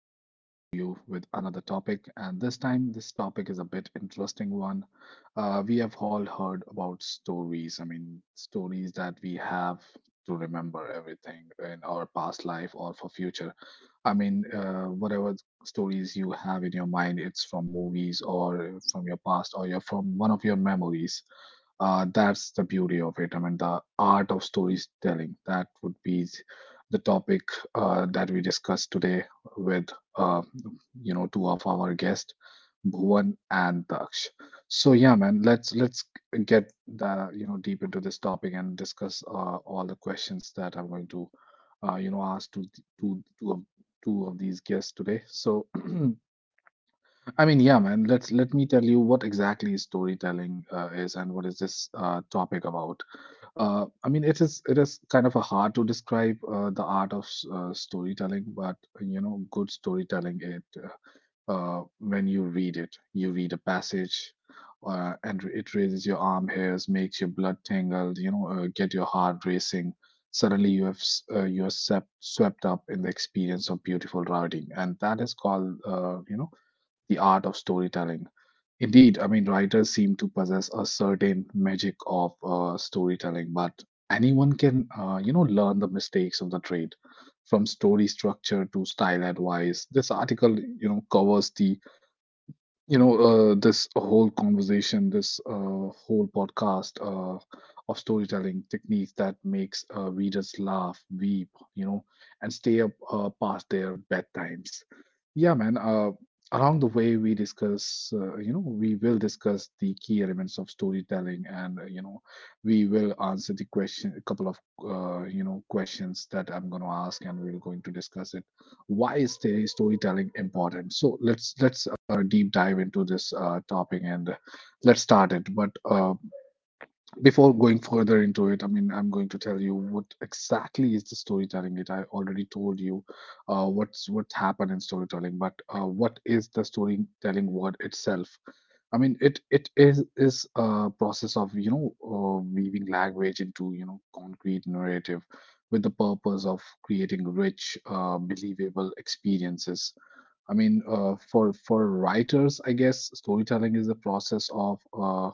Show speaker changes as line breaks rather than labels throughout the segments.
coming to you with another topic. And this time, this topic is a bit interesting one. We have all heard about stories. I mean, stories that we have to remember everything in our past life or for future. I mean, whatever stories you have in your mind, it's from movies or from your past or your from one of your memories. That's the beauty of it. I mean, the art of storytelling. That would be the topic that we discussed today with, uh, two of our guests, Bhuvan and Daksh. So yeah, man, let's get the you know deep into this topic and discuss all the questions that I'm going to ask to two of these guests today. So I mean, yeah, man. Let me tell you what exactly storytelling is and what is this topic about. I mean, it is kind of a hard to describe the art of storytelling, but you know, good storytelling it when you read it, you read a passage, and it raises your arm hairs, makes your blood tingle, you know, get your heart racing. Suddenly, you are swept up in the experience of beautiful writing, and that is called the art of storytelling. Indeed, I mean, writers seem to possess a certain magic of storytelling, but anyone can learn the mistakes of the trade. From story structure to style advice, this article, covers this whole conversation, this whole podcast of storytelling techniques that makes readers laugh, weep, you know, and stay up past their bedtimes. Yeah, man. Along the way, we will discuss the key elements of storytelling, and we will answer the question, a couple of questions that I'm going to ask, and we're going to discuss it. Why is the storytelling important? So let's deep dive into this topic and let's start it. But before going further into it, I mean, I'm going to tell you what exactly is the storytelling. It I already told you what happened in storytelling, but what is the storytelling word itself? I mean, it is a process of you know weaving language into concrete narrative with the purpose of creating rich, believable experiences. I mean, for writers, I guess storytelling is the process of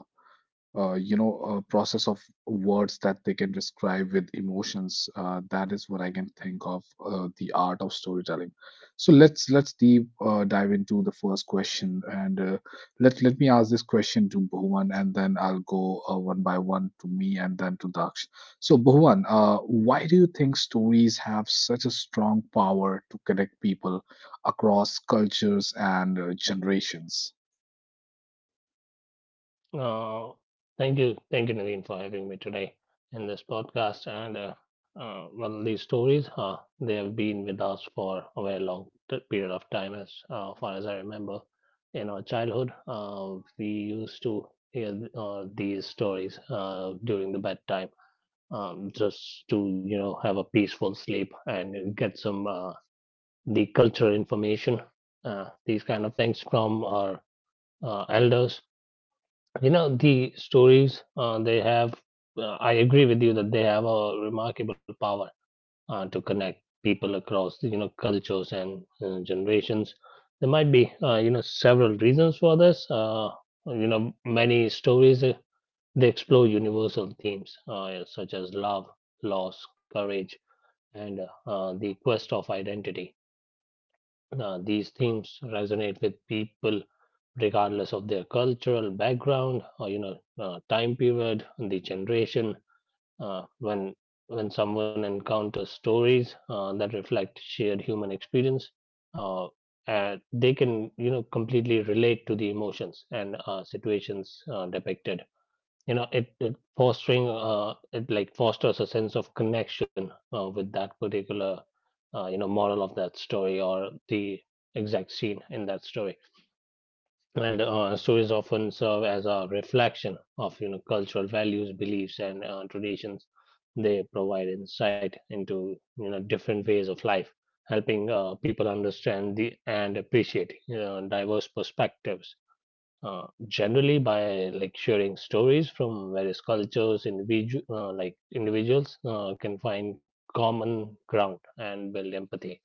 you know, a process of words that they can describe with emotions. That is what I can think of the art of storytelling. So let's deep dive into the first question, and let me ask this question to Bhuvan, and then I'll go one by one to me, and then to Daksh. So Bhuvan, why do you think stories have such a strong power to connect people across cultures and generations?
Uh, Thank you, thank you, Naveen, for having me today in this podcast. And well, these stories, they have been with us for a very long period of time, as far as I remember. In our childhood, we used to hear these stories during the bedtime, just to have a peaceful sleep and get some the cultural information, these kind of things from our elders. You know, the stories they have, I agree with you that they have a remarkable power to connect people across, you know, cultures and generations. There might be, you know, several reasons for this. You know, many stories they explore universal themes such as love, loss, courage, and the quest of identity. These themes resonate with people regardless of their cultural background, or time period, the generation uh, when when someone encounters stories that reflect shared human experience uh, they can completely relate to the emotions and situations depicted. It fostering it like fosters a sense of connection with that particular, moral of that story, or the exact scene in that story. And stories often serve as a reflection of cultural values, beliefs, and traditions. They provide insight into different ways of life, helping people understand the and appreciate, diverse perspectives. Generally, by like sharing stories from various cultures, individuals can find common ground and build empathy,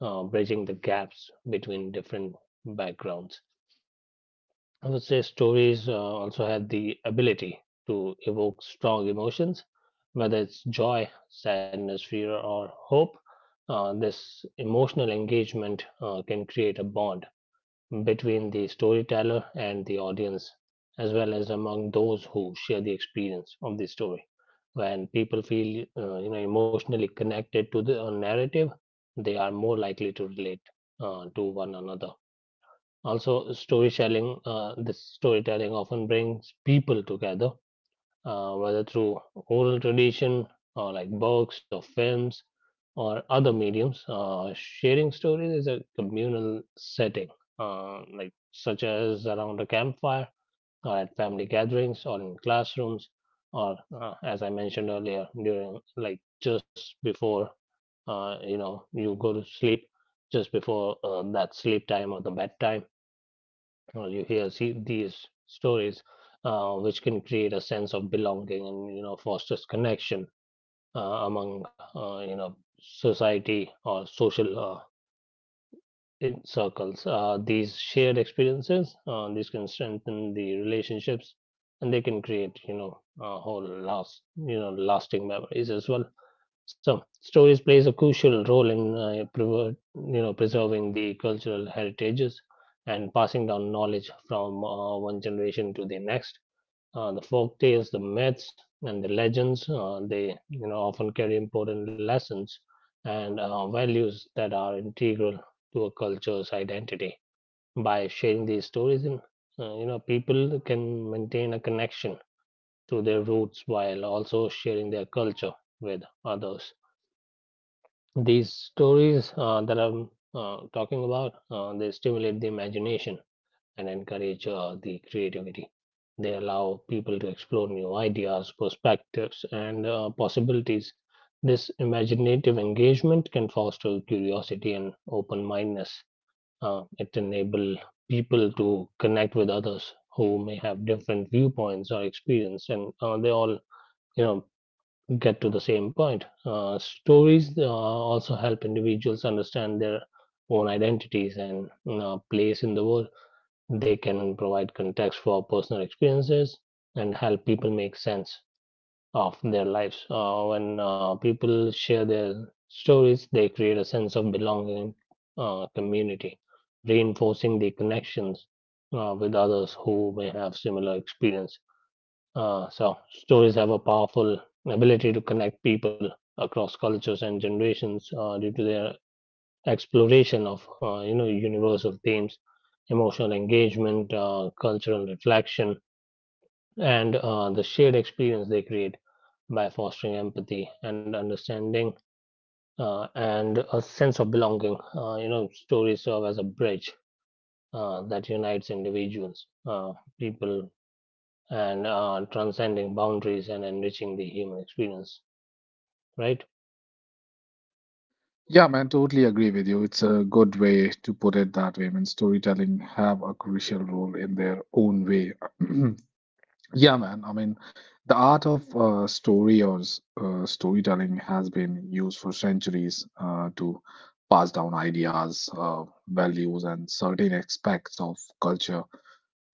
bridging the gaps between different backgrounds. I would say stories also have the ability to evoke strong emotions, whether it's joy, sadness, fear, or hope. This emotional engagement can create a bond between the storyteller and the audience, as well as among those who share the experience of the story. When people feel emotionally connected to the narrative, they are more likely to relate to one another. Also storytelling often brings people together, whether through oral tradition, or like books or films or other mediums. Sharing stories is a communal setting, like such as around a campfire, or at family gatherings, or in classrooms, or as I mentioned earlier, during like just before, you go to sleep, just before that sleep time or the bedtime, well, you hear see these stories, which can create a sense of belonging and fosters connection among society or social in circles. These shared experiences, these can strengthen the relationships, and they can create a whole last you know lasting memories as well. So stories plays a crucial role in preserving the cultural heritages and passing down knowledge from one generation to the next. The folk tales, the myths, and the legends, they you know often carry important lessons and values that are integral to a culture's identity. By sharing these stories, in you know people can maintain a connection to their roots while also sharing their culture with others. These stories that I'm talking about, they stimulate the imagination and encourage the creativity. They allow people to explore new ideas, perspectives, and possibilities. This imaginative engagement can foster curiosity and open mindedness. It enables people to connect with others who may have different viewpoints or experience, and they all, you know, get to the same point. Stories also help individuals understand their own identities and place in the world. They can provide context for personal experiences and help people make sense of their lives. When people share their stories, they create a sense of belonging, community, reinforcing the connections with others who may have similar experience. So, stories have a powerful ability to connect people across cultures and generations due to their exploration of universal themes, emotional engagement, cultural reflection, and the shared experience they create by fostering empathy and understanding, and a sense of belonging. You know, stories serve as a bridge that unites individuals, people, and transcending boundaries and enriching the human experience, right?
Yeah, man, totally agree with you. It's a good way to put it that way. I mean, storytelling have a crucial role in their own way. Yeah, man. I mean, the art of storytelling has been used for centuries to pass down ideas, values, and certain aspects of culture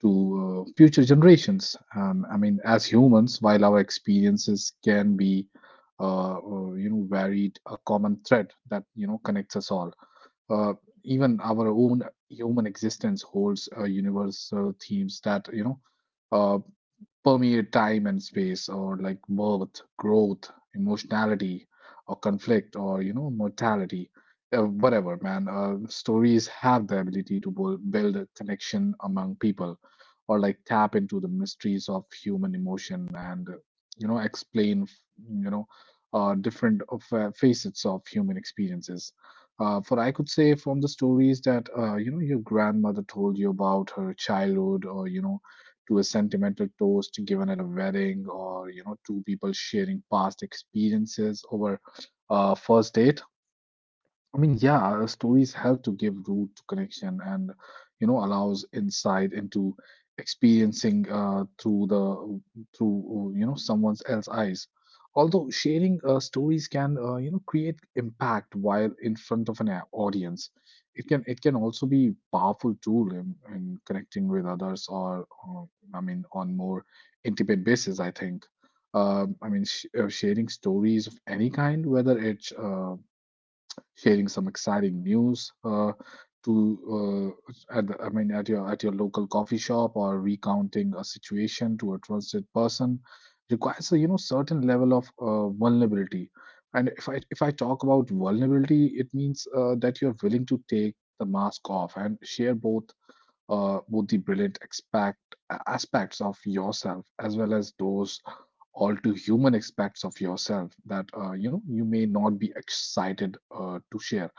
to future generations. I mean, as humans, while our experiences can be, varied, a common thread that connects us all. Uh, Even our own human existence holds universal themes that. Uh, Permeate time and space, or like birth, growth, emotionality, or conflict, or mortality, whatever, man. Stories have the ability to build a connection among people, or like tap into the mysteries of human emotion and explain, you know, different facets of human experiences. For I could say from the stories that your grandmother told you about her childhood, or to a sentimental toast given at a wedding or two people sharing past experiences over a first date. I mean, yeah, stories help to give root to connection and, allows insight into experiencing through someone else's eyes. Although sharing stories can create impact while in front of an audience, it can also be powerful tool in connecting with others or I mean on more intimate basis. I think. I mean, sh sharing stories of any kind, whether it's sharing some exciting news to I mean at your local coffee shop or recounting a situation to a trusted person requires a certain level of vulnerability. And if I talk about vulnerability, it means that you're willing to take the mask off and share both the brilliant expect aspects of yourself as well as those all too human aspects of yourself that you may not be excited to share.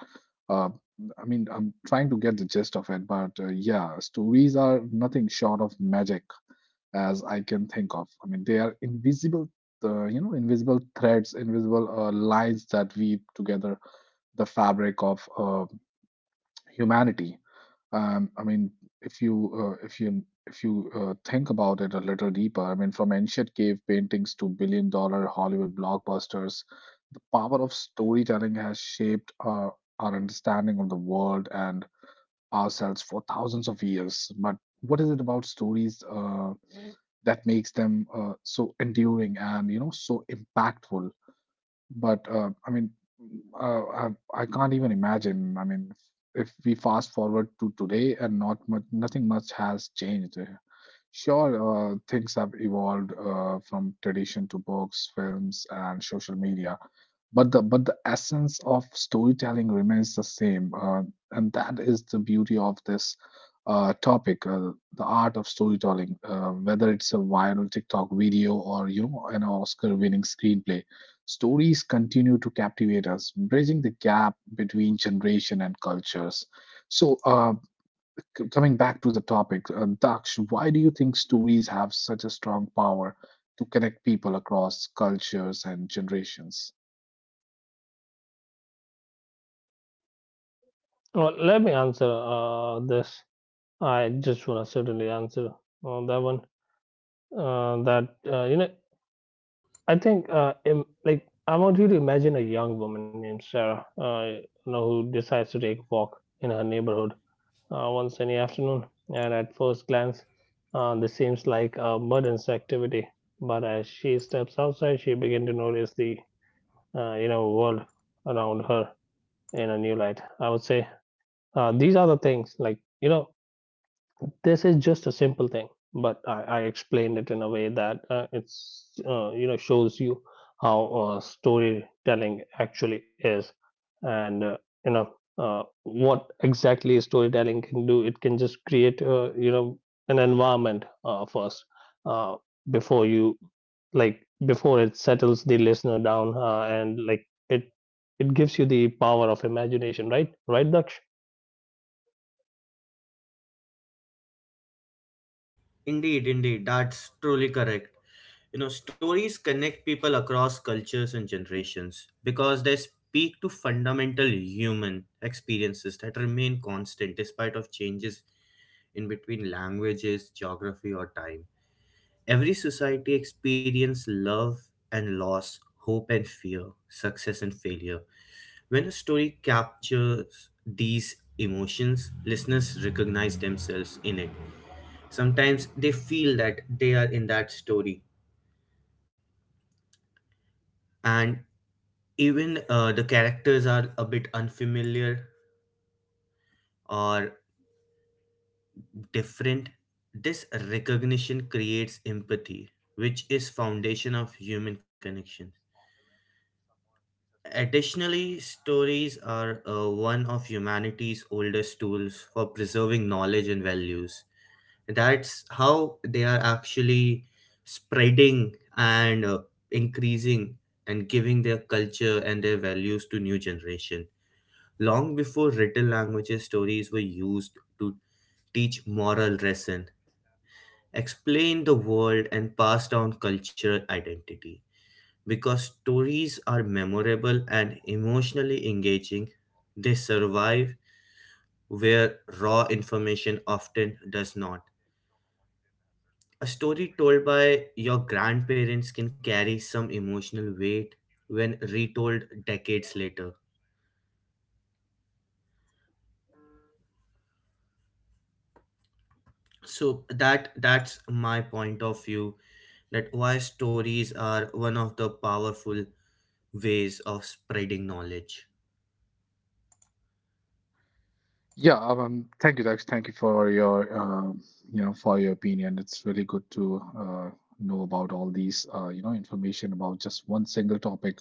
Uh, I mean, I'm trying to get the gist of it, but yeah, stories are nothing short of magic as I can think of. I mean, they are invisible threads, invisible lines that weave together the fabric of humanity. I mean, if you if you think about it a little deeper, I mean, from ancient cave paintings to billion dollar Hollywood blockbusters, the power of storytelling has shaped our understanding of the world and ourselves for thousands of years. But what is it about stories that makes them so enduring and so impactful? But I mean, uh, I, I can't even imagine. I mean, if we fast forward to today and nothing much has changed. Sure, things have evolved from tradition to books, films, and social media, but the essence of storytelling remains the same, and that is the beauty of this topic, the art of storytelling. Whether it's a viral TikTok video or an Oscar winning screenplay, stories continue to captivate us, bridging the gap between generation and cultures. So coming back to the topic, Daksh, why do you think stories have such a strong power to connect people across cultures and generations?
Well, let me answer this. I just want to certainly answer that one. That You know, I think I want you to imagine a young woman named Sarah, you know, who decides to take a walk in her neighborhood one sunny afternoon. And at first glance, this seems like a mundane activity. But as she steps outside, she begins to notice the world around her in a new light, I would say. These are the things, like, this is just a simple thing, but I explained it in a way that it's you know shows you how storytelling actually is, and you know what exactly storytelling can do. It can just create an environment, first, uh, before you like before it settles the listener down, and like it gives you the power of imagination, right? Right, Daksh?
Indeed, indeed, that's truly correct. You know, stories connect people across cultures and generations because they speak to fundamental human experiences that remain constant despite of changes in between languages, geography or time. Every society experience love and loss, hope and fear, success and failure, when a story captures these emotions, listeners recognize themselves in it. Sometimes they feel that they are in that story, and even the characters are a bit unfamiliar or different. This recognition creates empathy, which is foundation of human connection. Additionally, stories are one of humanity's oldest tools for preserving knowledge and values. That's how they are actually spreading and increasing and giving their culture and their values to new generation. Long before written languages, stories were used to teach moral lesson, explain the world, and pass down cultural identity. Because stories are memorable and emotionally engaging, they survive where raw information often does not. A story told by your grandparents can carry some emotional weight when retold decades later. So that's my point of view that why stories are one of the powerful ways of spreading knowledge.
Yeah, thank you, Dex. Thank you for your opinion. It's really good to know about all these, information about just one single topic,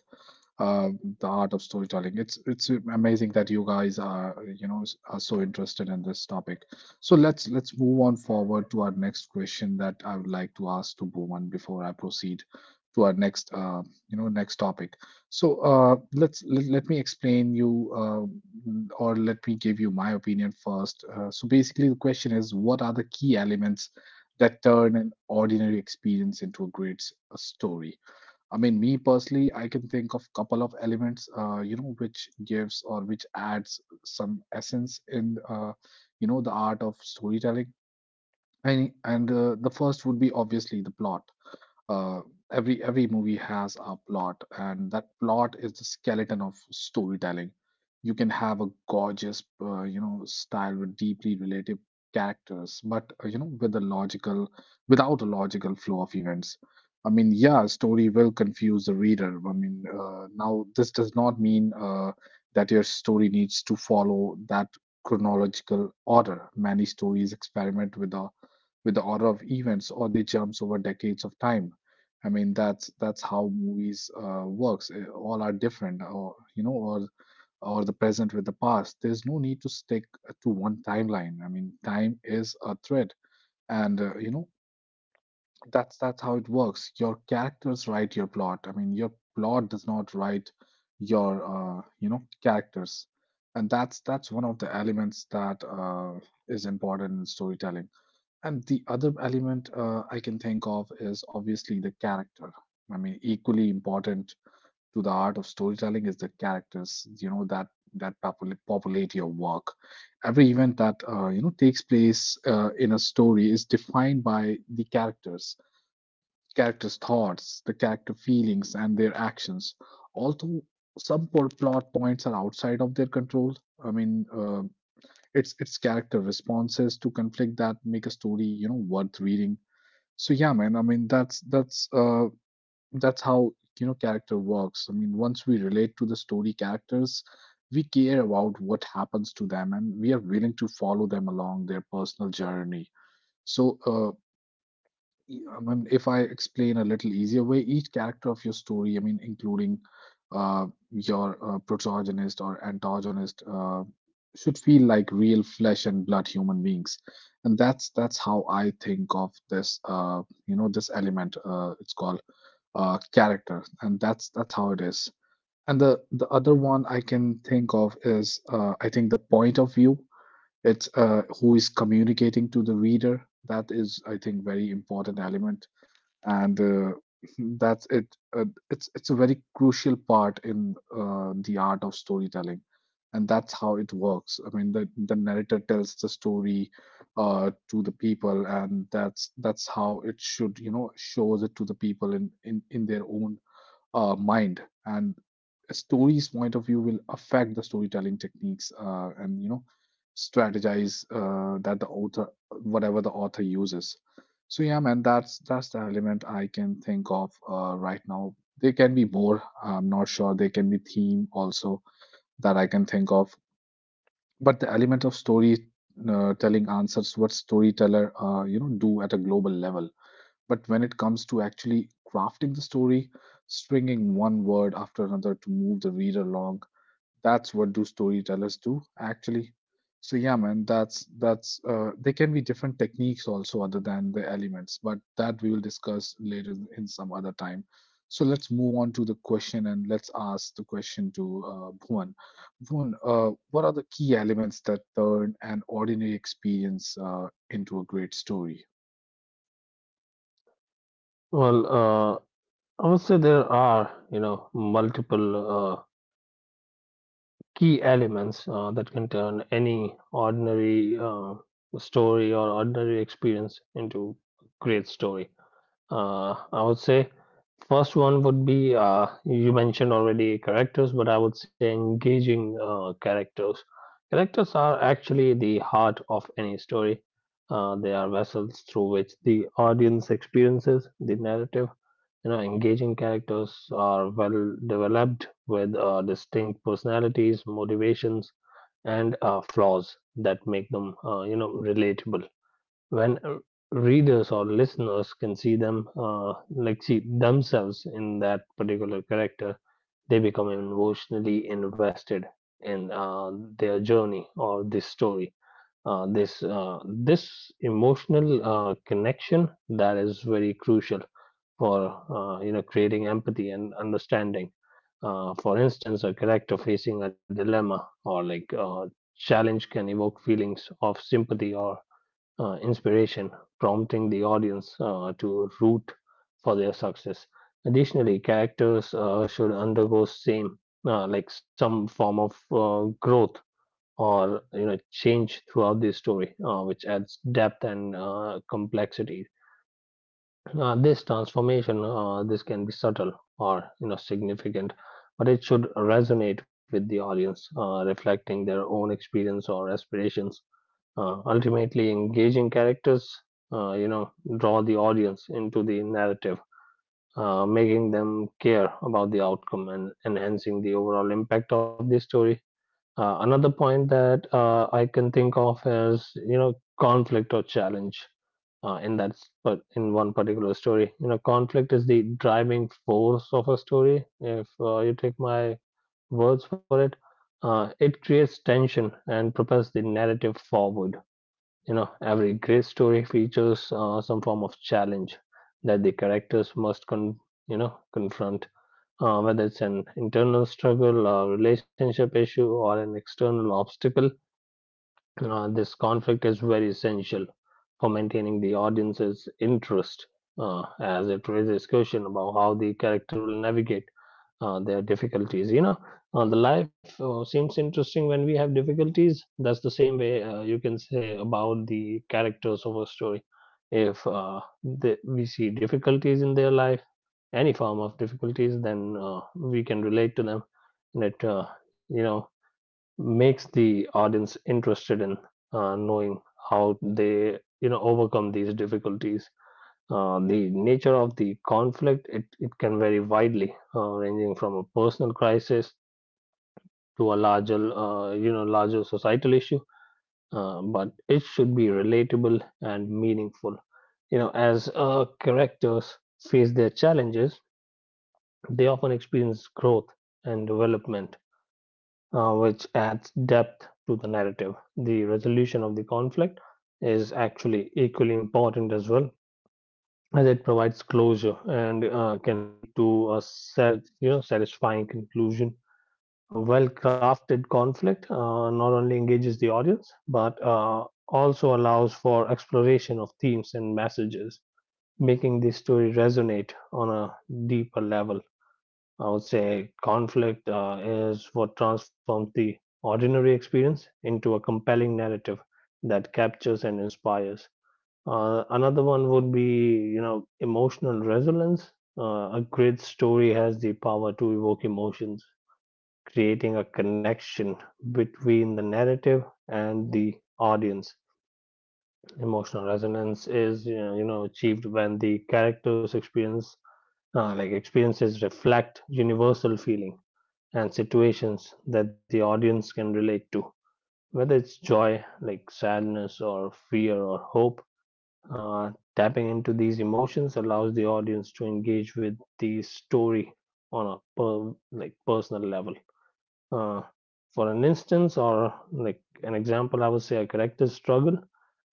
the art of storytelling. It's amazing that you guys are are so interested in this topic. So let's move on forward to our next question that I would like to ask to Bhuvan before I proceed to our next next topic. So let me explain you or let me give you my opinion first. So basically, the question is, what are the key elements that turn an ordinary experience into a a story? I mean, me personally, I can think of couple of elements, which gives or which adds some essence in, the art of storytelling. And the first would be obviously the plot. Uh, every every movie has a plot, and that plot is the skeleton of storytelling. You can have a gorgeous style with deeply relative characters, but without a logical flow of events. I mean, yeah, story will confuse the reader. I mean, now this does not mean that your story needs to follow that chronological order. Many stories experiment with the order of events, or they jumps over decades of time. I mean, that's how movies works. All are different, or or the present with the past. There's no need to stick to one timeline. I mean, time is a thread, and that's how it works. Your characters write your plot. I mean, your plot does not write your characters, and that's one of the elements that is important in storytelling. And the other element I can think of is obviously the character. I mean, equally important to the art of storytelling is the characters, that populate your work. Every event that takes place in a story is defined by the characters, characters' thoughts, the character feelings, and their actions. Although some plot points are outside of their control, I mean, uh, it's character responses to conflict that make a story worth reading. So yeah, man. That's how character works. I mean, once we relate to the story characters, we care about what happens to them, and we are willing to follow them along their personal journey. So uh, I mean, if I explain a little easier way, each character of your story, I mean, including your protagonist or antagonist, should feel like real flesh and blood human beings, and that's how I think of this. You know, this element. It's called character, and that's how it is. And the other one I can think of is I think the point of view. It's who is communicating to the reader. That is, I think, very important element and that's it. It's a very crucial part in the art of storytelling, and that's how it works. I mean, the narrator tells the story to the people, and that's how it should, you know, shows it to the people in their own mind. And a story's point of view will affect the storytelling techniques and you know strategize that the author whatever the author uses. So yeah, man, that's the element I can think of right now. There can be more, I'm not sure. There can be theme also that I can think of, but the element of story telling answers what storyteller do at a global level. But when it comes to actually crafting the story, stringing one word after another to move the reader along, that's what do storytellers do actually. So yeah, man, that's there can be different techniques also other than the elements, but that we will discuss later in some other time. So let's move on to the question and let's ask the question to Bhuvan. Bhuvan, what are the key elements that turn an ordinary experience into a great story?
Well, I would say there are, you know, multiple uh, key elements that can turn any ordinary story or ordinary experience into a great story. I would say first one would be, you mentioned already characters, but I would say engaging characters. Characters are actually the heart of any story. They are vessels through which the audience experiences the narrative. Engaging characters are well developed with distinct personalities, motivations, and flaws that make them, relatable. When readers or listeners can see them like see themselves in that particular character, they become emotionally invested in their journey or this story. This emotional connection, that is very crucial for creating empathy and understanding. For instance, a character facing a dilemma or like a challenge can evoke feelings of sympathy or inspiration, prompting the audience to root for their success. Additionally, characters should undergo same like some form of growth or change throughout the story, which adds depth and complexity. This transformation, this can be subtle or significant, but it should resonate with the audience, reflecting their own experience or aspirations. Ultimately, engaging characters, uh, you know, draw the audience into the narrative, making them care about the outcome and enhancing the overall impact of the story. Another point that I can think of is, you know, conflict or challenge but in one particular story. You know, conflict is the driving force of a story. If you take my words for it, it creates tension and propels the narrative forward. You know, every great story features some form of challenge that the characters must confront, whether it's an internal struggle, or relationship issue, or an external obstacle. This conflict is very essential for maintaining the audience's interest, as it raises question about how the character will navigate their difficulties. You know, the life seems interesting when we have difficulties. That's the same way you can say about the characters of a story. If we see difficulties in their life, any form of difficulties, then we can relate to them, and it you know makes the audience interested in knowing how they overcome these difficulties. The nature of the conflict, it can vary widely, ranging from a personal crisis to a larger, larger societal issue. But it should be relatable and meaningful. You know, as characters face their challenges, they often experience growth and development, which adds depth to the narrative. The resolution of the conflict is actually equally important as well, as it provides closure and can lead to a self, you know, satisfying conclusion. A well-crafted conflict not only engages the audience but also allows for exploration of themes and messages, making the story resonate on a deeper level. I would say conflict is what transforms the ordinary experience into a compelling narrative that captures and inspires. Another one would be, you know, emotional resonance. A great story has the power to evoke emotions, creating a connection between the narrative and the audience. Emotional resonance is, achieved when the characters experience, experiences reflect universal feeling and situations that the audience can relate to. Whether it's joy, like sadness, or fear, or hope, tapping into these emotions allows the audience to engage with the story on a personal level. Uh, for an instance, or like an example, I would say a character's struggle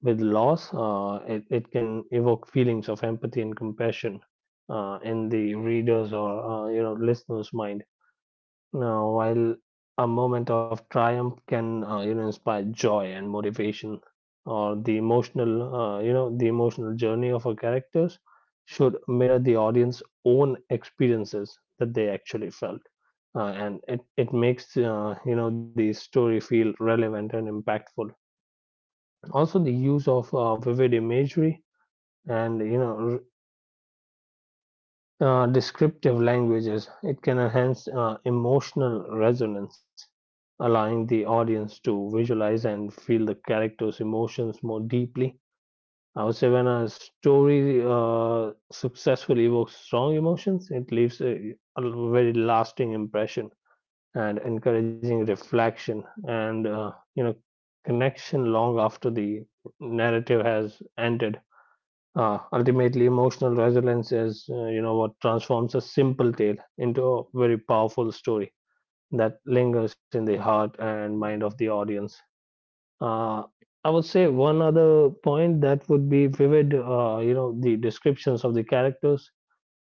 with loss, it can evoke feelings of empathy and compassion in the readers or listeners' mind. Now, while a moment of triumph can inspire joy and motivation, or the emotional you know the emotional journey of our characters should mirror the audience's own experiences that they actually felt, and it makes the story feel relevant and impactful. Also, the use of vivid imagery and descriptive languages. It can enhance emotional resonance, allowing the audience to visualize and feel the character's emotions more deeply. I would say when a story successfully evokes strong emotions, it leaves a very lasting impression and encouraging reflection and connection long after the narrative has ended. Ultimately, emotional resilience is, what transforms a simple tale into a very powerful story that lingers in the heart and mind of the audience. Uh, I would say one other point that would be vivid, the descriptions of the characters.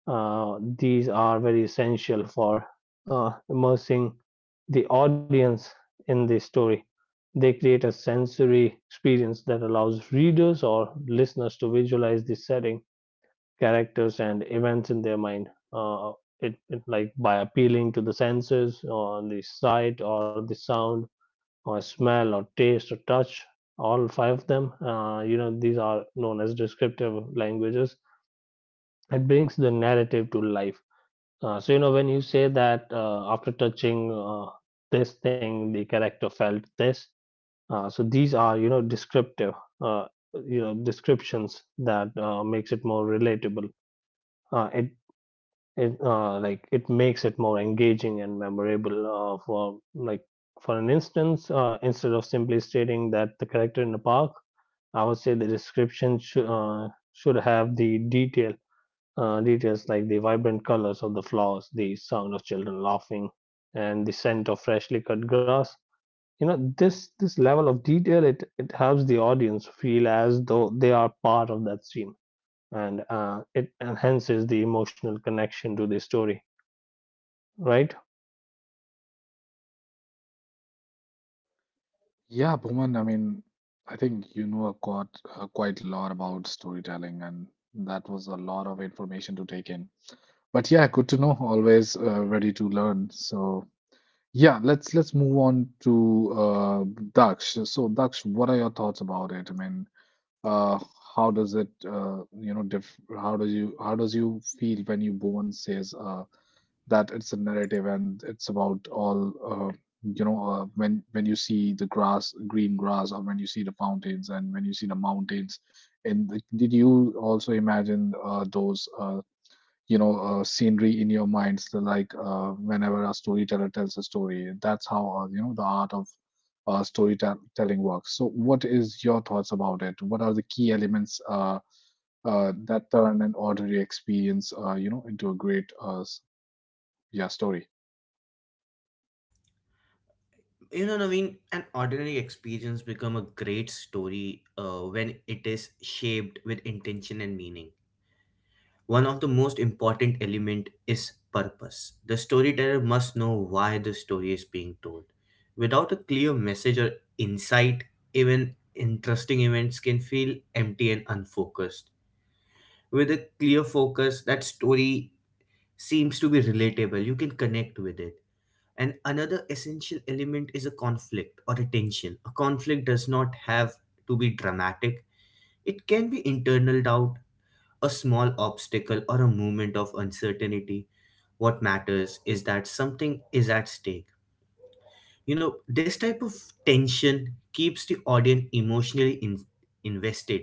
These are very essential for immersing the audience in the story. They create a sensory experience that allows readers or listeners to visualize the setting, characters, and events in their mind. It, it like By appealing to the senses, or the sight, or the sound, or smell, or taste, or touch. All five of them, these are known as descriptive languages. It brings the narrative to life. So you know when you say that after touching this thing, the character felt this. So these are you know descriptive, uh, descriptions that makes it more relatable, uh, it it makes it more engaging and memorable. For an instance, instead of simply stating that the character in the park, I would say the description should have the details like the vibrant colors of the flowers, the sound of children laughing, and the scent of freshly cut grass. This level of detail, it helps the audience feel as though they are part of that scene, and it enhances the emotional connection to the story. Right?
Yeah, Bhuman, I mean, I think you know quite, quite a lot about storytelling, and that was a lot of information to take in. But yeah, good to know. Always ready to learn. So yeah, let's move on to Daksh. So Daksh, what are your thoughts about it? Uh, how does it, you know, diff how do you how does you feel when you Bhuman says, that it's a narrative and it's about all uh, when you see the grass green grass, or when you see the fountains, and when you see the mountains, and the, did you also imagine those you know scenery in your minds? The, like whenever a storyteller tells a story, that's how the art of storytelling works. So what is your thoughts about it? What are the key elements that turn an ordinary experience into a great yeah story?
You know, Naveen, an ordinary experience become a great story when it is shaped with intention and meaning. One of the most important element is purpose. The storyteller must know why the story is being told. Without a clear message or insight, even interesting events can feel empty and unfocused. With a clear focus, that story seems to be relatable, you can connect with it. And another essential element is a conflict or a tension. A conflict does not have to be dramatic, it can be internal doubt, a small obstacle, or a moment of uncertainty. What matters is that something is at stake. You know, this type of tension keeps the audience emotionally invested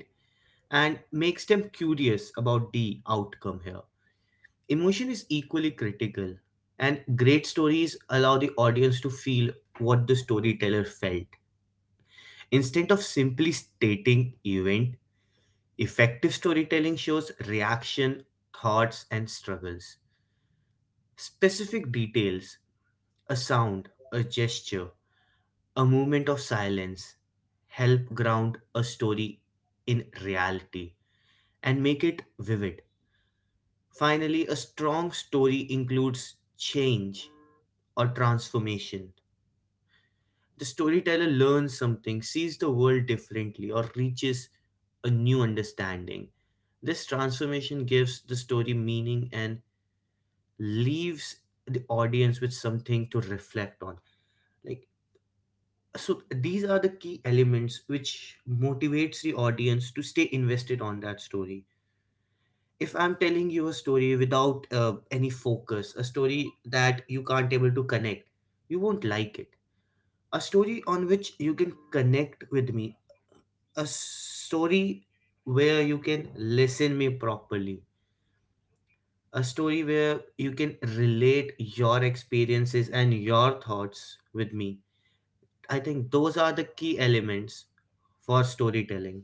and makes them curious about the outcome here. Emotion is equally critical, and great stories allow the audience to feel what the storyteller felt. Instead of simply stating event, effective storytelling shows reaction, thoughts, and struggles. Specific details, a sound, a gesture, a moment of silence, help ground a story in reality and make it vivid. Finally, a strong story includes change or transformation. The storyteller learns something, sees the world differently, or reaches a new understanding. This transformation gives the story meaning and leaves the audience with something to reflect on. Like, so these are the key elements which motivates the audience to stay invested on that story. If I'm telling you a story without any focus, a story that you can't able to connect, you won't like it. A story on which you can connect with me, a story where you can listen me properly, a story where you can relate your experiences and your thoughts with me, I think those are the key elements for storytelling.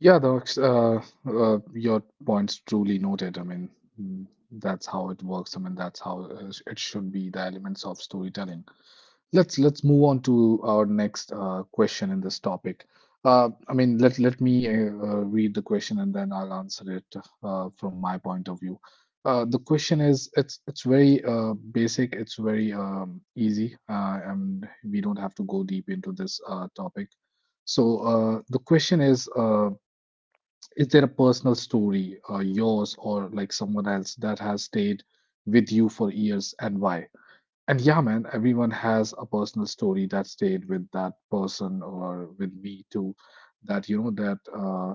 Yeah, Docs, your point's truly noted. I mean, mm, that's how it works. I mean, that's how it should be, the elements of storytelling. Let's move on to our next question in this topic. Let me read the question and then I'll answer it from my point of view. The question is, it's very basic, it's very easy, and we don't have to go deep into this topic. So the question is. Is there a personal story, yours or like someone else, that has stayed with you for years, and why? And yeah, man, everyone has a personal story that stayed with that person or with me too, that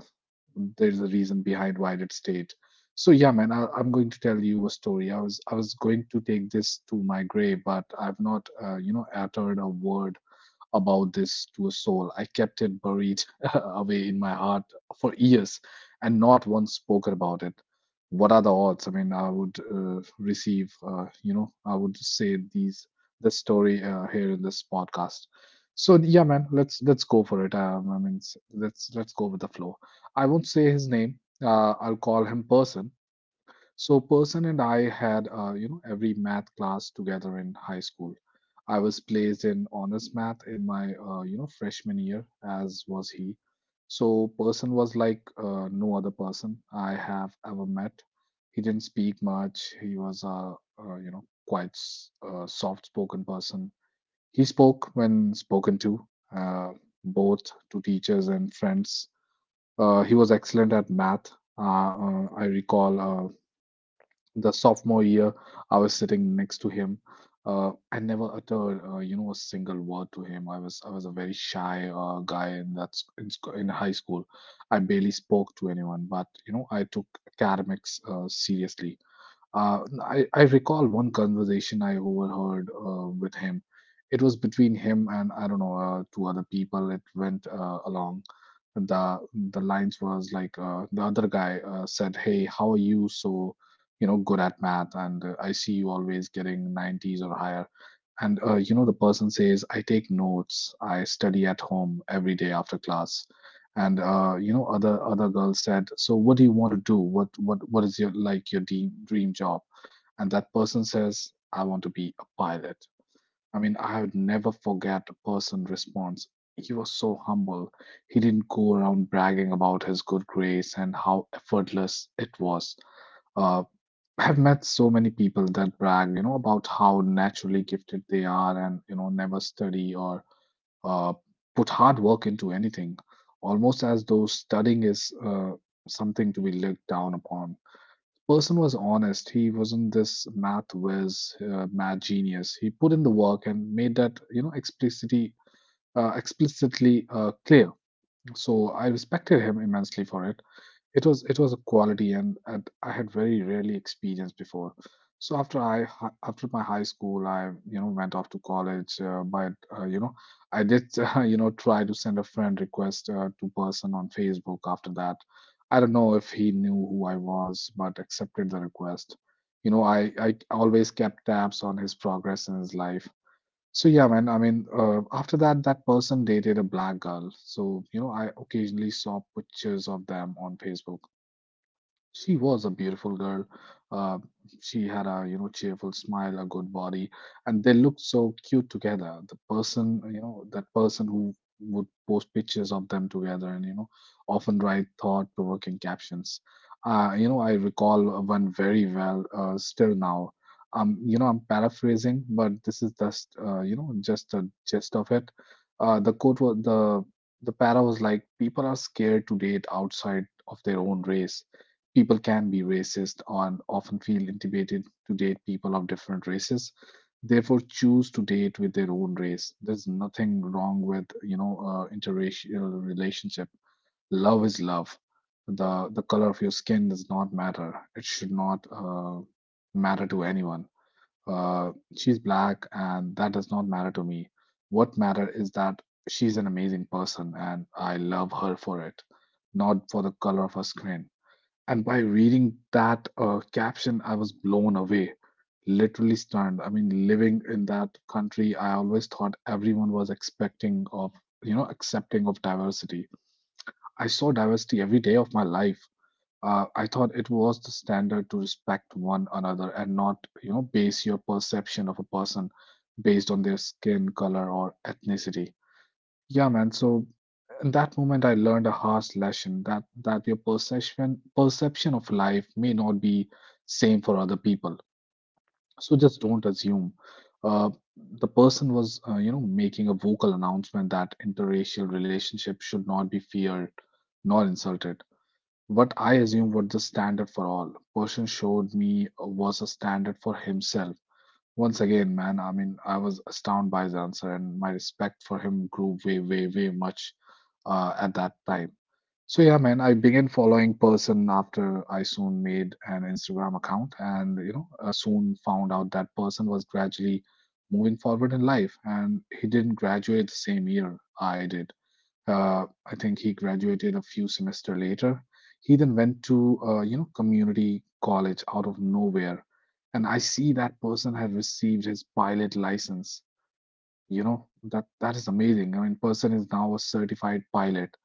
there's a reason behind why it stayed. So yeah, man, I'm going to tell you a story. I was going to take this to my grave, but I've not uttered a word about this to a soul. I kept it buried away in my heart for years, and not once spoke about it. What are the odds? I mean, I would receive, I would say these this story here in this podcast. So yeah, man, let's go for it. I mean, let's go with the flow. I won't say his name. I'll call him person. So person and I had every math class together in high school. I was placed in honors math in my freshman year, as was he. So person was like no other person I have ever met. He didn't speak much. He was a quite soft-spoken person. He spoke when spoken to, uh, both to teachers and friends. He was excellent at math. I recall the sophomore year, I was sitting next to him. I never uttered, a single word to him. I was a very shy guy in that sc- in, sc- in high school. I barely spoke to anyone, but you know, I took academics seriously. I recall one conversation I overheard with him. It was between him and I don't know two other people. It went along the the lines was like the other guy said, "Hey, how are you so good at math? And I see you always getting 90s or higher." And the person says, "I take notes. I study at home every day after class." And other girls said, so what do you want to do? What what is your like your dream job? And that person says, I want to be a pilot. I mean, I would never forget a person's response. He was so humble. He didn't go around bragging about his good grace and how effortless it was. Uh, I've met so many people that brag, you know, about how naturally gifted they are and, you know, never study or uh, put hard work into anything, almost as though studying is something to be looked down upon. Person was honest. He wasn't this math whiz, math genius. He put in the work and made that explicitly clear. So I respected him immensely for it. It was a quality, and I had very rarely experienced before. So after my high school, I you know went off to college. But I did try to send a friend request to person on Facebook. After that, I don't know if he knew who I was, but accepted the request. You know, I always kept tabs on his progress in his life. So yeah, man. After that, that person dated a black girl. So you know, I occasionally saw pictures of them on Facebook. She was a beautiful girl. Uh, she had a cheerful smile, a good body, and they looked so cute together. The person you know that person who would post pictures of them together and often write thought-provoking captions. You know I recall one very well still now. You know I'm paraphrasing, but this is just just a gist of it. The quote was the para was like, people are scared to date outside of their own race. People can be racist and often feel intimidated to date people of different races, therefore choose to date with their own race. There's nothing wrong with interracial relationship. Love is love. The color of your skin does not matter. It should not matter to anyone. Uh, she's black and that does not matter to me. What matter is that she's an amazing person and I love her for it, not for the color of her skin. And by reading that caption, I was blown away, literally stunned. I mean, living in that country, I always thought everyone was expecting of, you know, accepting of diversity. I saw diversity every day of my life. I thought it was the standard to respect one another and not, you know, base your perception of a person based on their skin color or ethnicity. Yeah, man. So in that moment, I learned a harsh lesson that your perception of life may not be same for other people. So just don't assume. Uh, the person was, making a vocal announcement that interracial relationships should not be feared nor insulted. What I assumed was the standard for all. Person showed me was a standard for himself. Once again, man, I mean, I was astounded by his answer, and my respect for him grew way, way, way much at that time. So yeah, man, I began following person after I soon made an Instagram account, and soon found out that person was gradually moving forward in life, and he didn't graduate the same year I did. I think he graduated a few semester later. He then went to community college out of nowhere. And I see that person had received his pilot license. You know, that is amazing. I mean, person is now a certified pilot.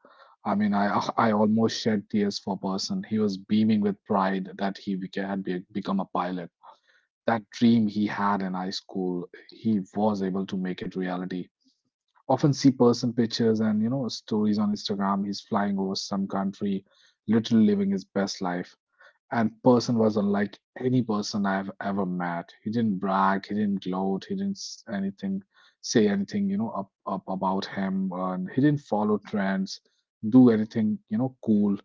I mean, I almost shed tears for Person. He was beaming with pride that he become a pilot. That dream he had in high school, he was able to make it reality. Often see Person pictures and stories on Instagram. He's flying over some country, literally living his best life. And person was unlike any person I've ever met. He didn't brag, he didn't gloat, he didn't s- anything say anything up about him, and he didn't follow trends, do anything cool,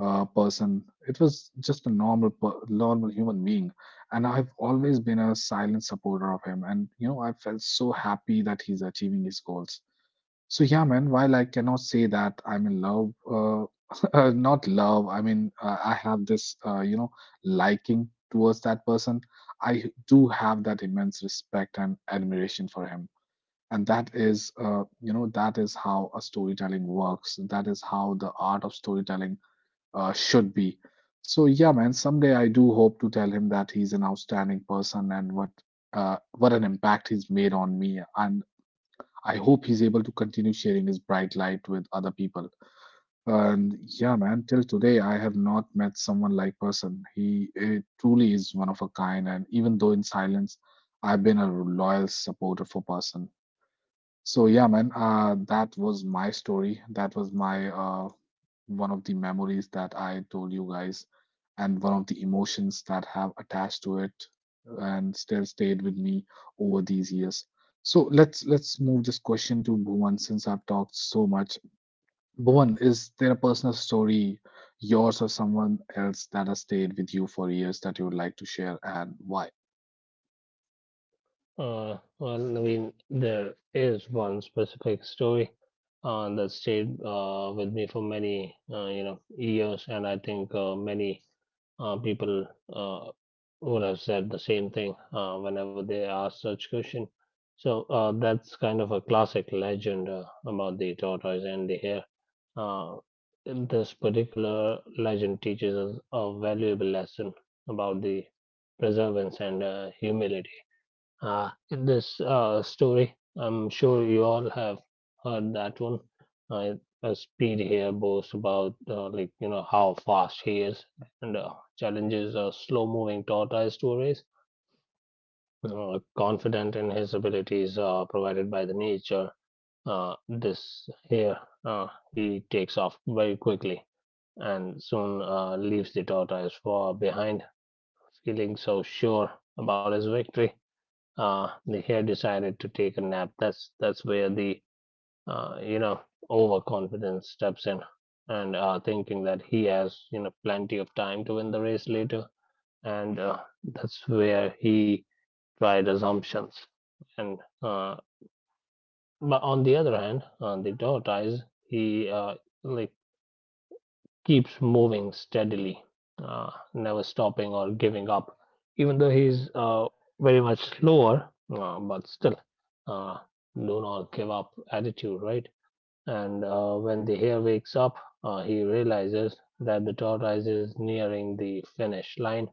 person. It was just a normal human being, and I've always been a silent supporter of him. And I felt so happy that he's achieving his goals. So yeah, man, while I cannot say that I'm in love, not love, I mean, I have this, liking towards that person. I do have that immense respect and admiration for him. And that is, that is how a storytelling works. That is how the art of storytelling should be. So yeah, man, someday I do hope to tell him that he's an outstanding person, and what an impact he's made on me, and I hope he's able to continue sharing his bright light with other people. And yeah, man, till today I have not met someone like person. He truly is one of a kind, and even though in silence, I've been a loyal supporter for person. So yeah, man, that was my story. That was my one of the memories that I told you guys, and one of the emotions that have attached to it and still stayed with me over these years. So let's move this question to Bhuvan since I've talked so much. Bhuvan, is there a personal story, yours or someone else, that has stayed with you for years that you would like to share, and why?
Well, I mean, there is one specific story that stayed with me for many, years, and I think many people uh, would have said the same thing whenever they ask such question. So that's kind of a classic legend about the tortoise and the hare. Uh, this particular legend teaches us a valuable lesson about the perseverance and humility. In this story, I'm sure you all have heard that one. Uh, Speed here boasts about you know how fast he is, and challenges a slow-moving tortoise to a race. Confident in his abilities provided by the nature, this here he takes off very quickly and soon leaves the tortoise far behind, feeling so sure about his victory. The hare decided to take a nap. That's where the uh, you know overconfidence steps in, and thinking that he has you know plenty of time to win the race later, and that's where he tried assumptions. And but on the other hand, on the tortoise, he like keeps moving steadily, never stopping or giving up, even though he's very much slower, but still uh, do not give up attitude, right? And when the hare wakes up, he realizes that the tortoise is nearing the finish line.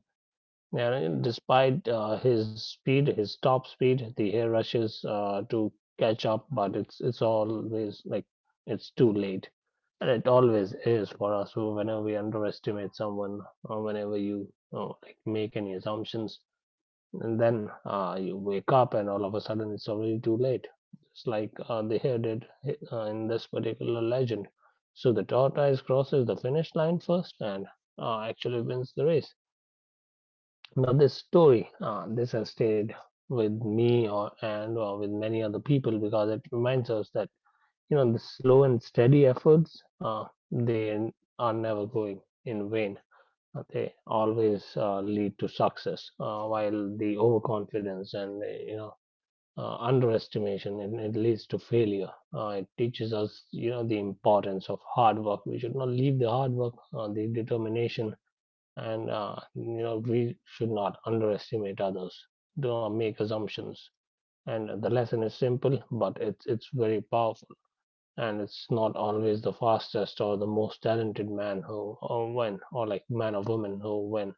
And despite his speed, his top speed, the hare rushes to catch up, but it's always like it's too late. And it always is for us. So whenever we underestimate someone, or whenever you make any assumptions, and then you wake up and all of a sudden it's already too late, just like the hare did in this particular legend. So the tortoise crosses the finish line first and actually wins the race. Now this story uh, this has stayed with me or and with many other people because it reminds us that you know the slow and steady efforts, they are never going in vain. They always lead to success, while the overconfidence and underestimation, it leads to failure. It teaches us you know the importance of hard work. We should not leave the hard work, the determination, and we should not underestimate others. Do not make assumptions. And the lesson is simple, but it's very powerful. And it's not always the fastest or the most talented man, who or when, or like man or woman who win,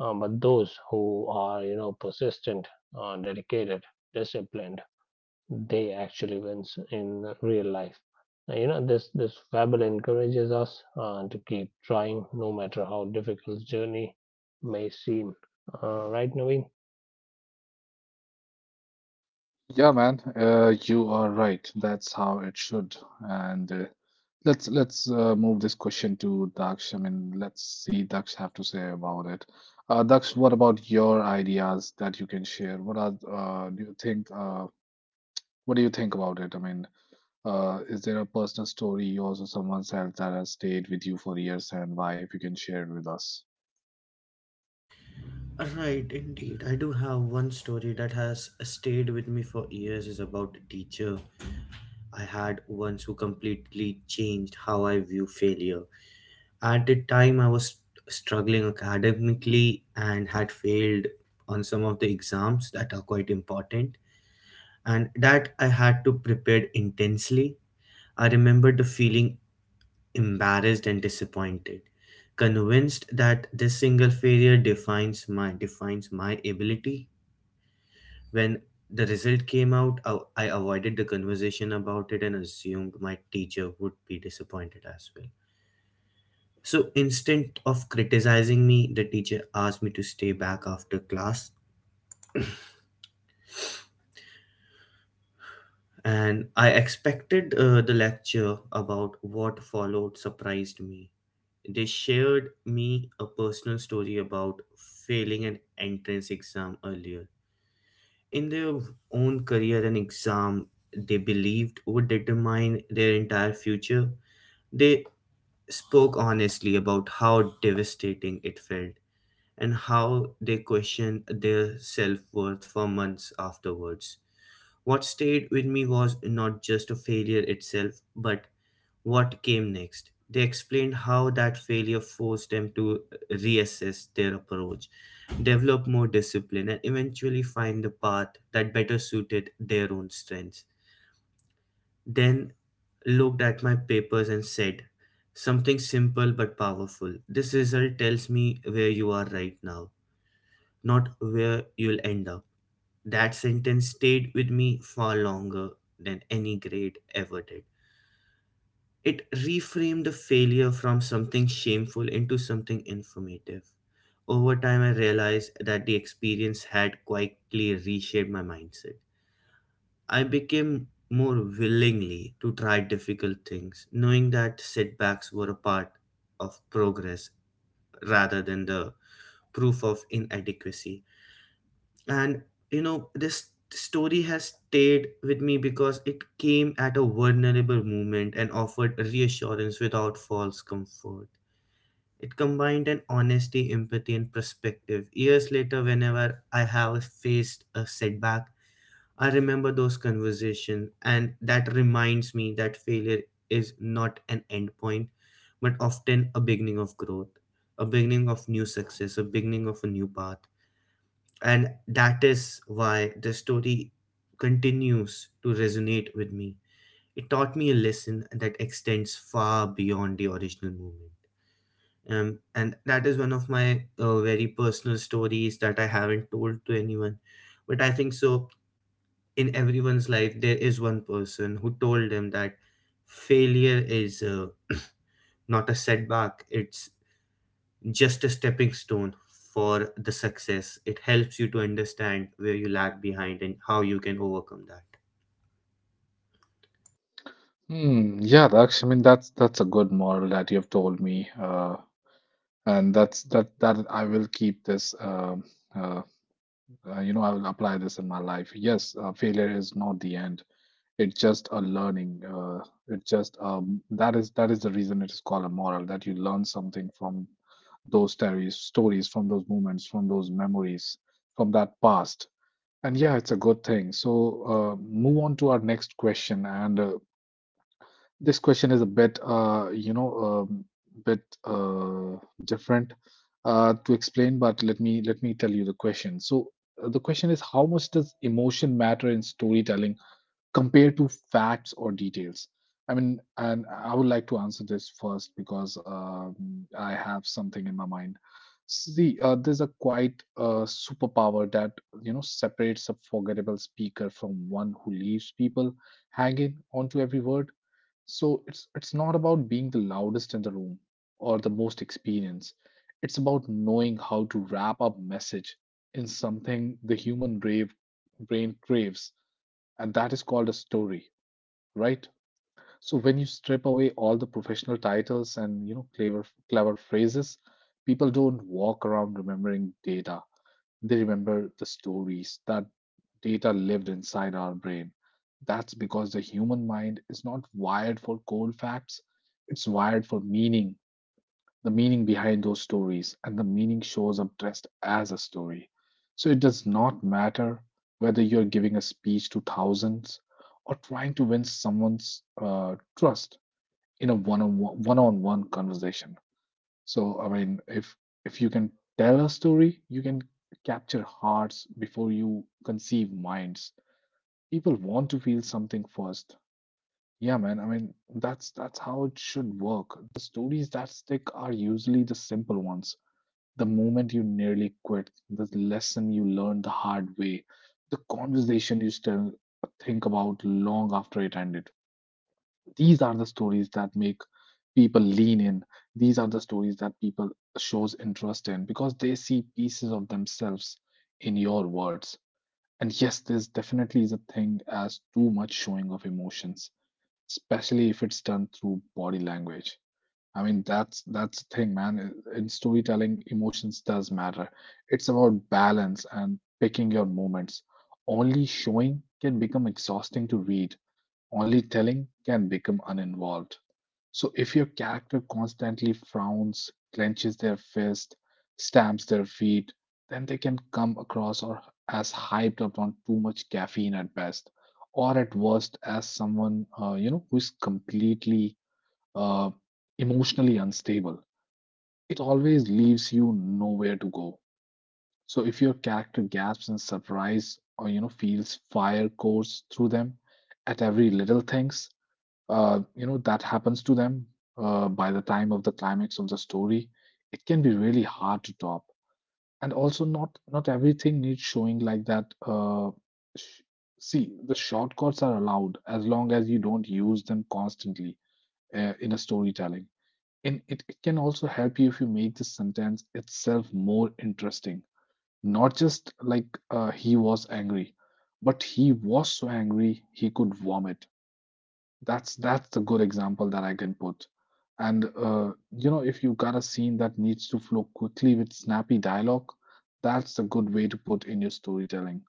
but those who are, you know, persistent, dedicated, disciplined, they actually wins in real life. This fable encourages us to keep trying, no matter how difficult journey may seem. Right, Naveen?
Yeah, man, you are right. That's how it should. And Let's move this question to Daksh. I mean, let's see Daksh have to say about it. Daksh, what about your ideas that you can share? What are do you think? What do you think about it? I mean, is there a personal story, yours or someone else, that has stayed with you for years, and why? If you can share it with us.
Right, indeed, I do have one story that has stayed with me for years. Is about a teacher I had once who completely changed how I view failure. At the time, I was struggling academically and had failed on some of the exams that are quite important, and that I had to prepare intensely. I remember the feeling embarrassed and disappointed, convinced that this single failure defines my ability. When the result came out, I avoided the conversation about it and assumed my teacher would be disappointed as well. So instead of criticizing me, the teacher asked me to stay back after class, and I expected the lecture about what followed surprised me. They shared me a personal story about failing an entrance exam earlier. In their own career and exam they believed would determine their entire future, they spoke honestly about how devastating it felt and how they questioned their self worth for months afterwards. What stayed with me was not just a failure itself, but what came next. They explained how that failure forced them to reassess their approach, develop more discipline, and eventually find the path that better suited their own strengths. Then looked at my papers and said, something simple but powerful. This result tells me where you are right now, not where you'll end up. That sentence stayed with me far longer than any grade ever did. It reframed the failure from something shameful into something informative. Over time, I realized that the experience had quietly reshaped my mindset. I became more willingly to try difficult things, knowing that setbacks were a part of progress rather than the proof of inadequacy. And you know, this story has stayed with me because it came at a vulnerable moment and offered reassurance without false comfort. It combined an honesty empathy and perspective. Years later, whenever I have faced a setback, I remember those conversations and that reminds me that failure is not an endpoint, but often a beginning of growth, a beginning of new success, a beginning of a new path, and that is why the story continues to resonate with me. It taught me a lesson that extends far beyond the original movement. And that is one of my very personal stories that I haven't told to anyone. But I think so, in everyone's life, there is one person who told them that failure is not a setback, it's just a stepping stone for the success. It helps you to understand where you lag behind and how you can overcome that.
Hmm, yeah, I mean, that's a good moral that you've told me. That I will keep this, uh, I will apply this in my life. Yes, failure is not the end. It's just a learning. It's just, that is the reason it is called a moral, that you learn something from stories, from those moments, from those memories, from that past. And yeah, it's a good thing. So, move on to our next question. And this question is a bit, bit uh, different to explain, but let me tell you the question. So the question is, how much does emotion matter in storytelling compared to facts or details? I mean, and I would like to answer this first because I have something in my mind. See, there's a quite superpower that separates a forgettable speaker from one who leaves people hanging onto every word. So it's not about being the loudest in the room or the most experienced. It's about knowing how to wrap up message in something the human brave brain craves, and that is called a story, right? So when you strip away all the professional titles and clever phrases, people don't walk around remembering data. They remember the stories that data lived inside our brain. That's because the human mind is not wired for cold facts, it's wired for meaning, the meaning behind those stories, and the meaning shows up dressed as a story. So it does not matter whether you're giving a speech to thousands or trying to win someone's trust in a one-on-one conversation. So I mean, if you can tell a story, you can capture hearts before you conceive minds. People want to feel something first. Yeah, man, I mean, that's how it should work. The stories that stick are usually the simple ones, the moment you nearly quit, the lesson you learned the hard way, the conversation you still think about long after it ended. These are the stories that make people lean in. These are the stories that people shows interest in because they see pieces of themselves in your words. And yes, there's definitely is a thing as too much showing of emotions, especially if it's done through body language. I mean, that's the thing, man. In storytelling, emotions does matter. It's about balance and picking your moments. Only showing can become exhausting to read, only telling can become uninvolved. So if your character constantly frowns, clenches their fist, stamps their feet, then they can come across or as hyped up on too much caffeine at best, or at worst as someone who is completely uh, emotionally unstable. It always leaves you nowhere to go. So if your character gasps in surprise or feels fire course through them at every little things, that happens to them by the time of the climax of the story, it can be really hard to top. And also, not everything needs showing like that. Sh- See, the shortcuts are allowed as long as you don't use them constantly in a storytelling. And it can also help you if you make the sentence itself more interesting, not just like he was angry, but he was so angry he could vomit. That's the good example that I can put. And if you got a scene that needs to flow quickly with snappy dialogue, that's a good way to put in your storytelling.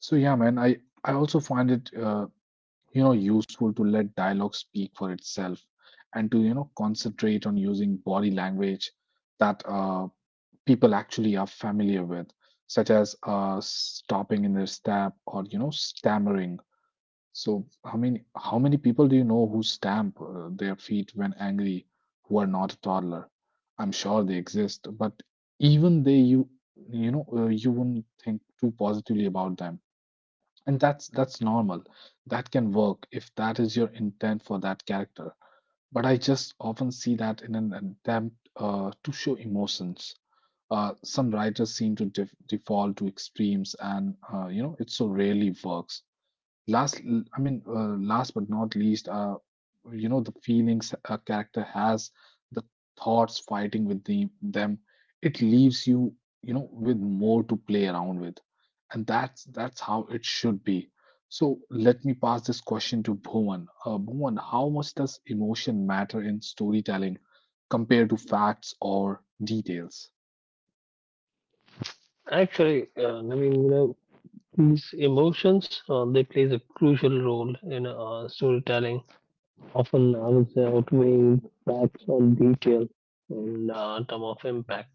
So yeah, man, I also find it useful to let dialogue speak for itself and to concentrate on using body language that people actually are familiar with, such as stopping in their step or stammering. So, I mean, how many people do you know who stamp their feet when angry, who are not a toddler? I'm sure they exist, but even they, you wouldn't think too positively about them. And that's normal. That can work if that is your intent for that character. But I just often see that in an attempt to show emotions. Some writers seem to default to extremes, and it so rarely works. Last I mean Last but not least, the feelings a character has, the thoughts fighting with the them, it leaves you, you know with more to play around with. And that's how it should be. So let me pass this question to Bhuvan. Bhuvan, how much does emotion matter in storytelling compared to facts or details?
Actually, Naveen, you know, these emotions they plays a crucial role in storytelling. Often, I would say, outweighing facts on detail in term of impact.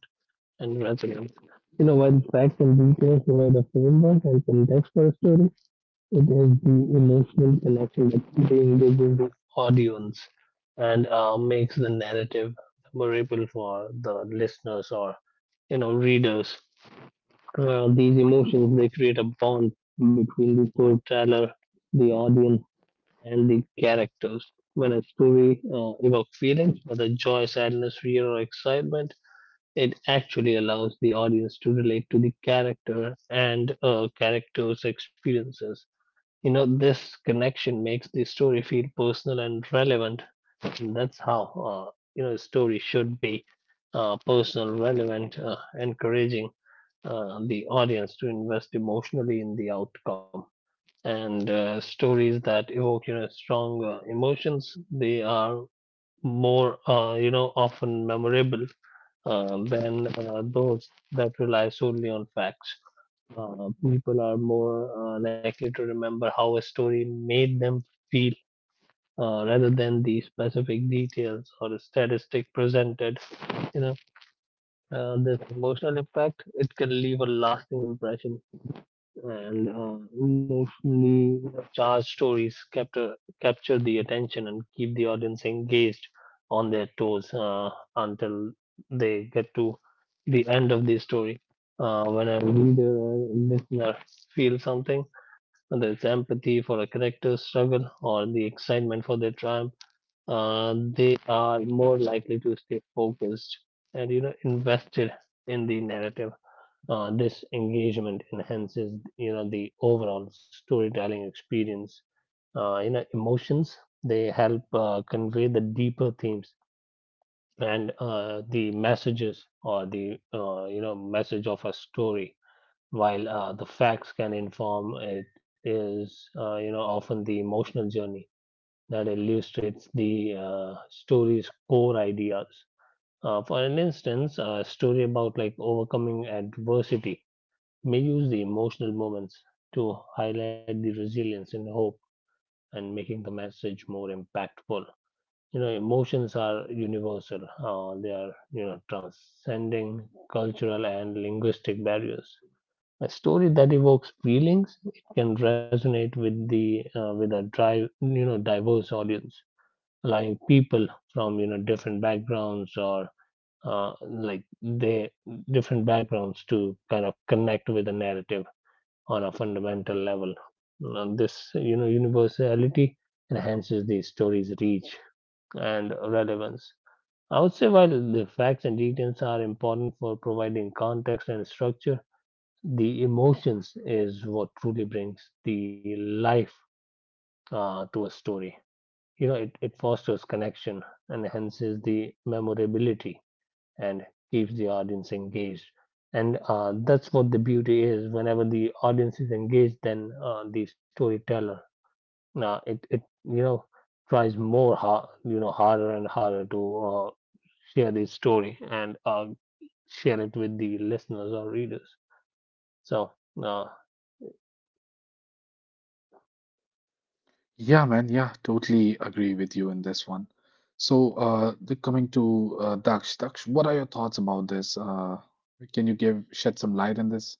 And resonance. You know, while facts and details provide a framework and context for a story, it is the emotional connection that reengages the audience and makes the narrative memorable for the listeners or you know readers. These emotions they create a bond between the storyteller, the audience, and the characters. When a story evokes feelings, whether joy, sadness, fear, or excitement, it actually allows the audience to relate to the character and a character's experiences. You know, this connection makes the story feel personal and relevant. And that's how, uh, a story should be, personal, relevant, encouraging the audience to invest emotionally in the outcome. And stories that evoke, you know, strong emotions, they are more, often memorable than those that rely solely on facts. People are more likely to remember how a story made them feel rather than the specific details or a statistic presented. You know, this emotional impact, it can leave a lasting impression, and emotionally charged stories capture the attention and keep the audience engaged on their toes until they get to the end of the story. When a reader or listener feels something, whether it's empathy for a character's struggle or the excitement for their triumph, they are more likely to stay focused and you know invested in the narrative. This engagement enhances you know the overall storytelling experience. Emotions, they help convey the deeper themes and the messages or the message of a story. While the facts can inform, it is often the emotional journey that illustrates the story's core ideas. For an instance, a story about like overcoming adversity may use the emotional moments to highlight the resilience and hope, and making the message more impactful. You know, emotions are universal, they are you know transcending cultural and linguistic barriers. A story that evokes feelings, it can resonate with the with a drive you know diverse audience, allowing people from you know different backgrounds, or uh, like they different backgrounds, to kind of connect with the narrative on a fundamental level. And this, you know, universality enhances the story's reach and relevance. I would say while the facts and details are important for providing context and structure, the emotions is what truly brings the life to a story. You know, it fosters connection, enhances the memorability, and keeps the audience engaged. And that's what the beauty is. Whenever the audience is engaged, then the storyteller, it it you know tries more hard, you know, harder and harder to share the story and share it with the listeners or readers. So uh,
Yeah, man. Yeah, totally agree with you in this one. So, coming to Daksh. Daksh, what are your thoughts about this? Can you give shed some light on this?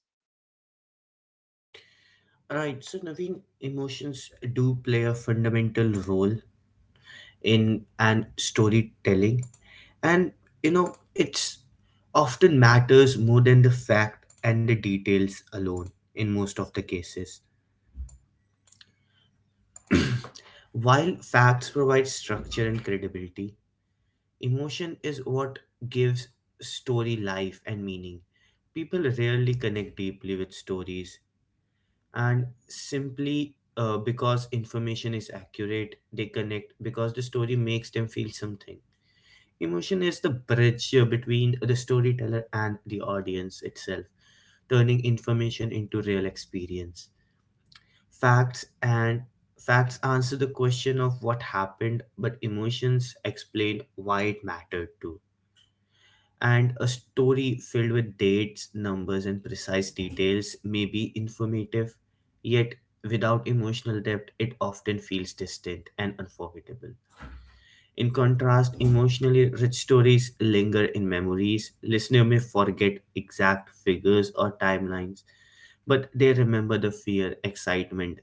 Right, so Naveen, emotions do play a fundamental role in an storytelling, and you know, it's often matters more than the fact and the details alone in most of the cases. While facts provide structure and credibility, emotion is what gives story life and meaning. People rarely connect deeply with stories, and simply because information is accurate, they connect because the story makes them feel something. Emotion is the bridge between the storyteller and the audience itself, turning information into real experience. Facts and facts answer the question of what happened, but emotions explain why it mattered too. And a story filled with dates, numbers, and precise details may be informative, yet without emotional depth, it often feels distant and unforgettable. In contrast, emotionally rich stories linger in memories. Listener may forget exact figures or timelines, but they remember the fear, excitement,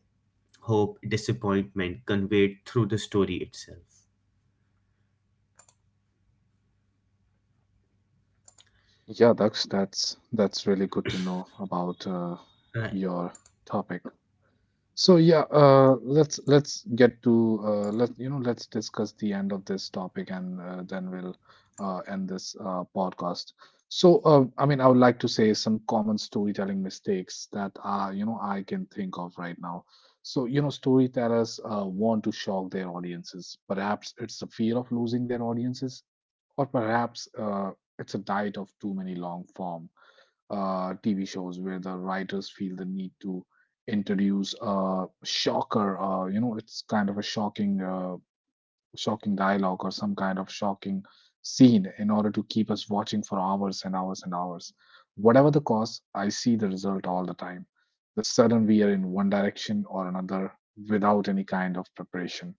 hope, disappointment conveyed through the story itself.
Yeah, Daksh, that's really good to know about
Right.
your topic. So yeah, let's get to let you know, let's discuss the end of this topic, and then we'll end this podcast. So I mean, I would like to say some common storytelling mistakes that are I can think of right now. So you know, storytellers want to shock their audiences. Perhaps it's the fear of losing their audiences, or perhaps it's a diet of too many long form TV shows where the writers feel the need to introduce a shocker. It's kind of a shocking dialogue or some kind of shocking scene in order to keep us watching for hours and hours and hours. Whatever the cause, I see the result all the time. The sudden we are in one direction or another without any kind of preparation.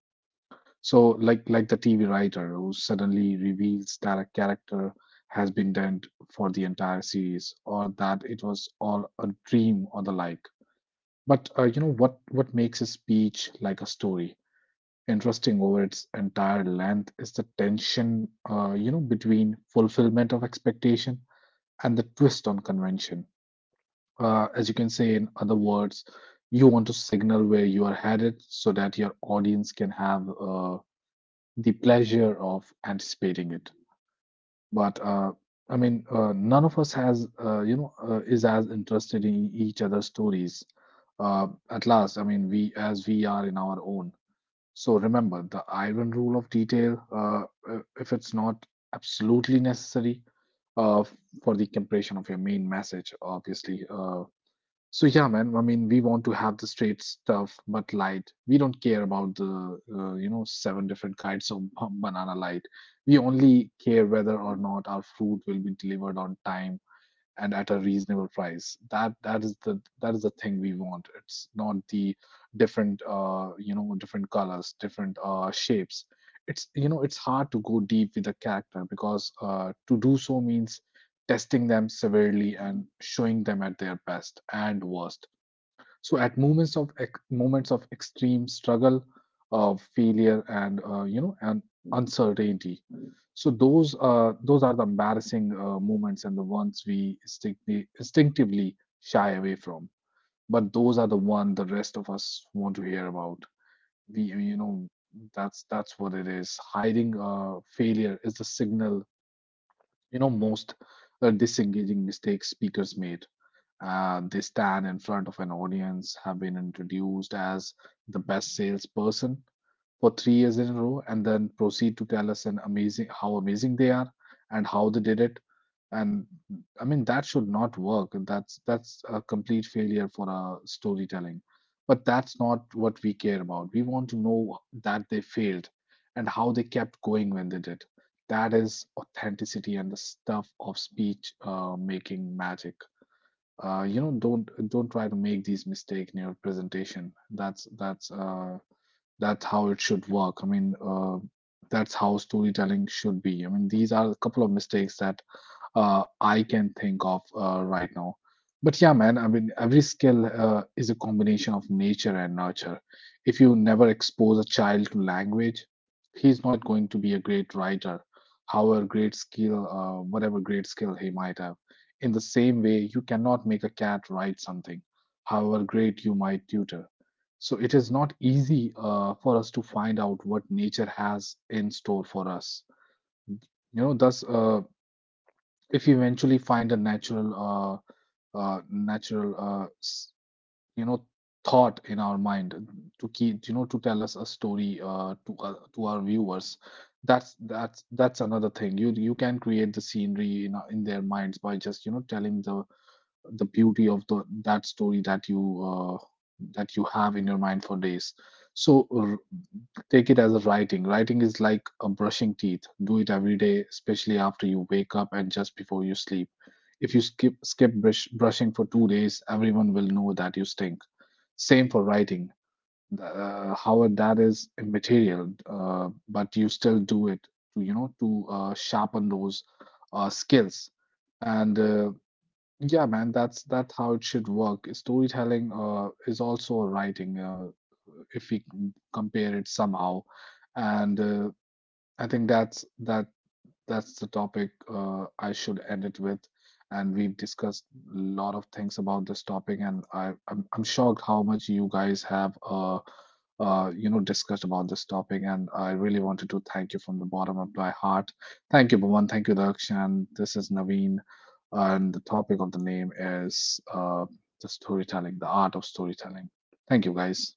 So like the TV writer who suddenly reveals that a character has been dead for the entire series or that it was all a dream or the like. But what makes a speech like a story interesting over its entire length is the tension between fulfillment of expectation and the twist on convention. As you can say in other words, you want to signal where you are headed so that your audience can have the pleasure of anticipating it. But I mean, None of us has you know, is as interested in each other's stories. At last, I mean, we as we are in our own. So remember the iron rule of detail. If it's not absolutely necessary uh, for the compression of your main message, obviously, so yeah, man. I mean, we want to have the straight stuff, but light. We don't care about the seven different kinds of banana light. We only care whether or not our fruit will be delivered on time and at a reasonable price. That that is the thing we want. It's not the different different colors, different shapes. It's you know It's hard to go deep with a character because to do so means testing them severely and showing them at their best and worst, so at moments of extreme struggle, failure, and uncertainty. So those are the embarrassing moments and the ones we instinctively shy away from. But those are the one the rest of us want to hear about. We you know That's what it is. Hiding failure is the signal most disengaging mistakes speakers made. They stand in front of an audience, have been introduced as the best salesperson for 3 years in a row, and then proceed to tell us an amazing how amazing they are and how they did it. And I mean that should not work. That's a complete failure for a storytelling. But that's not what we care about. We want to know that they failed and how they kept going when they did. That is authenticity and the stuff of speech making magic. Don't try to make these mistake in your presentation. That's how it should work. That's how storytelling should be. I mean, these are a couple of mistakes that I can think of right now. But yeah, man, I mean, every skill is a combination of nature and nurture. If you never expose a child to language, he's not going to be a great writer, however great whatever great skill he might have. In the same way, you cannot make a cat write something, however great you might tutor, so it is not easy for us to find out what nature has in store for us. You know, thus, if you eventually find a natural, you know, thought in our mind to keep, you know, to tell us a story to our viewers, that's another thing. You can create the scenery in their minds by just telling the beauty of the that story that you have in your mind for days. So take it as a writing. Writing is like a brushing teeth. Do it every day, especially after you wake up and just before you sleep. If you brushing for 2 days, everyone will know that you stink. Same for writing. However, that is immaterial, but you still do it to sharpen those skills. And yeah, man, that's how it should work. Storytelling is also a writing, if we c- compare it somehow, and I think that's the topic I should end it with. And we've discussed a lot of things about this topic, and I'm shocked how much you guys have, discussed about this topic. And I really wanted to thank you from the bottom of my heart. Thank you, Bhuvan. Thank you, Daksh. This is Naveen. And the topic of the name is the storytelling, the art of storytelling. Thank you, guys.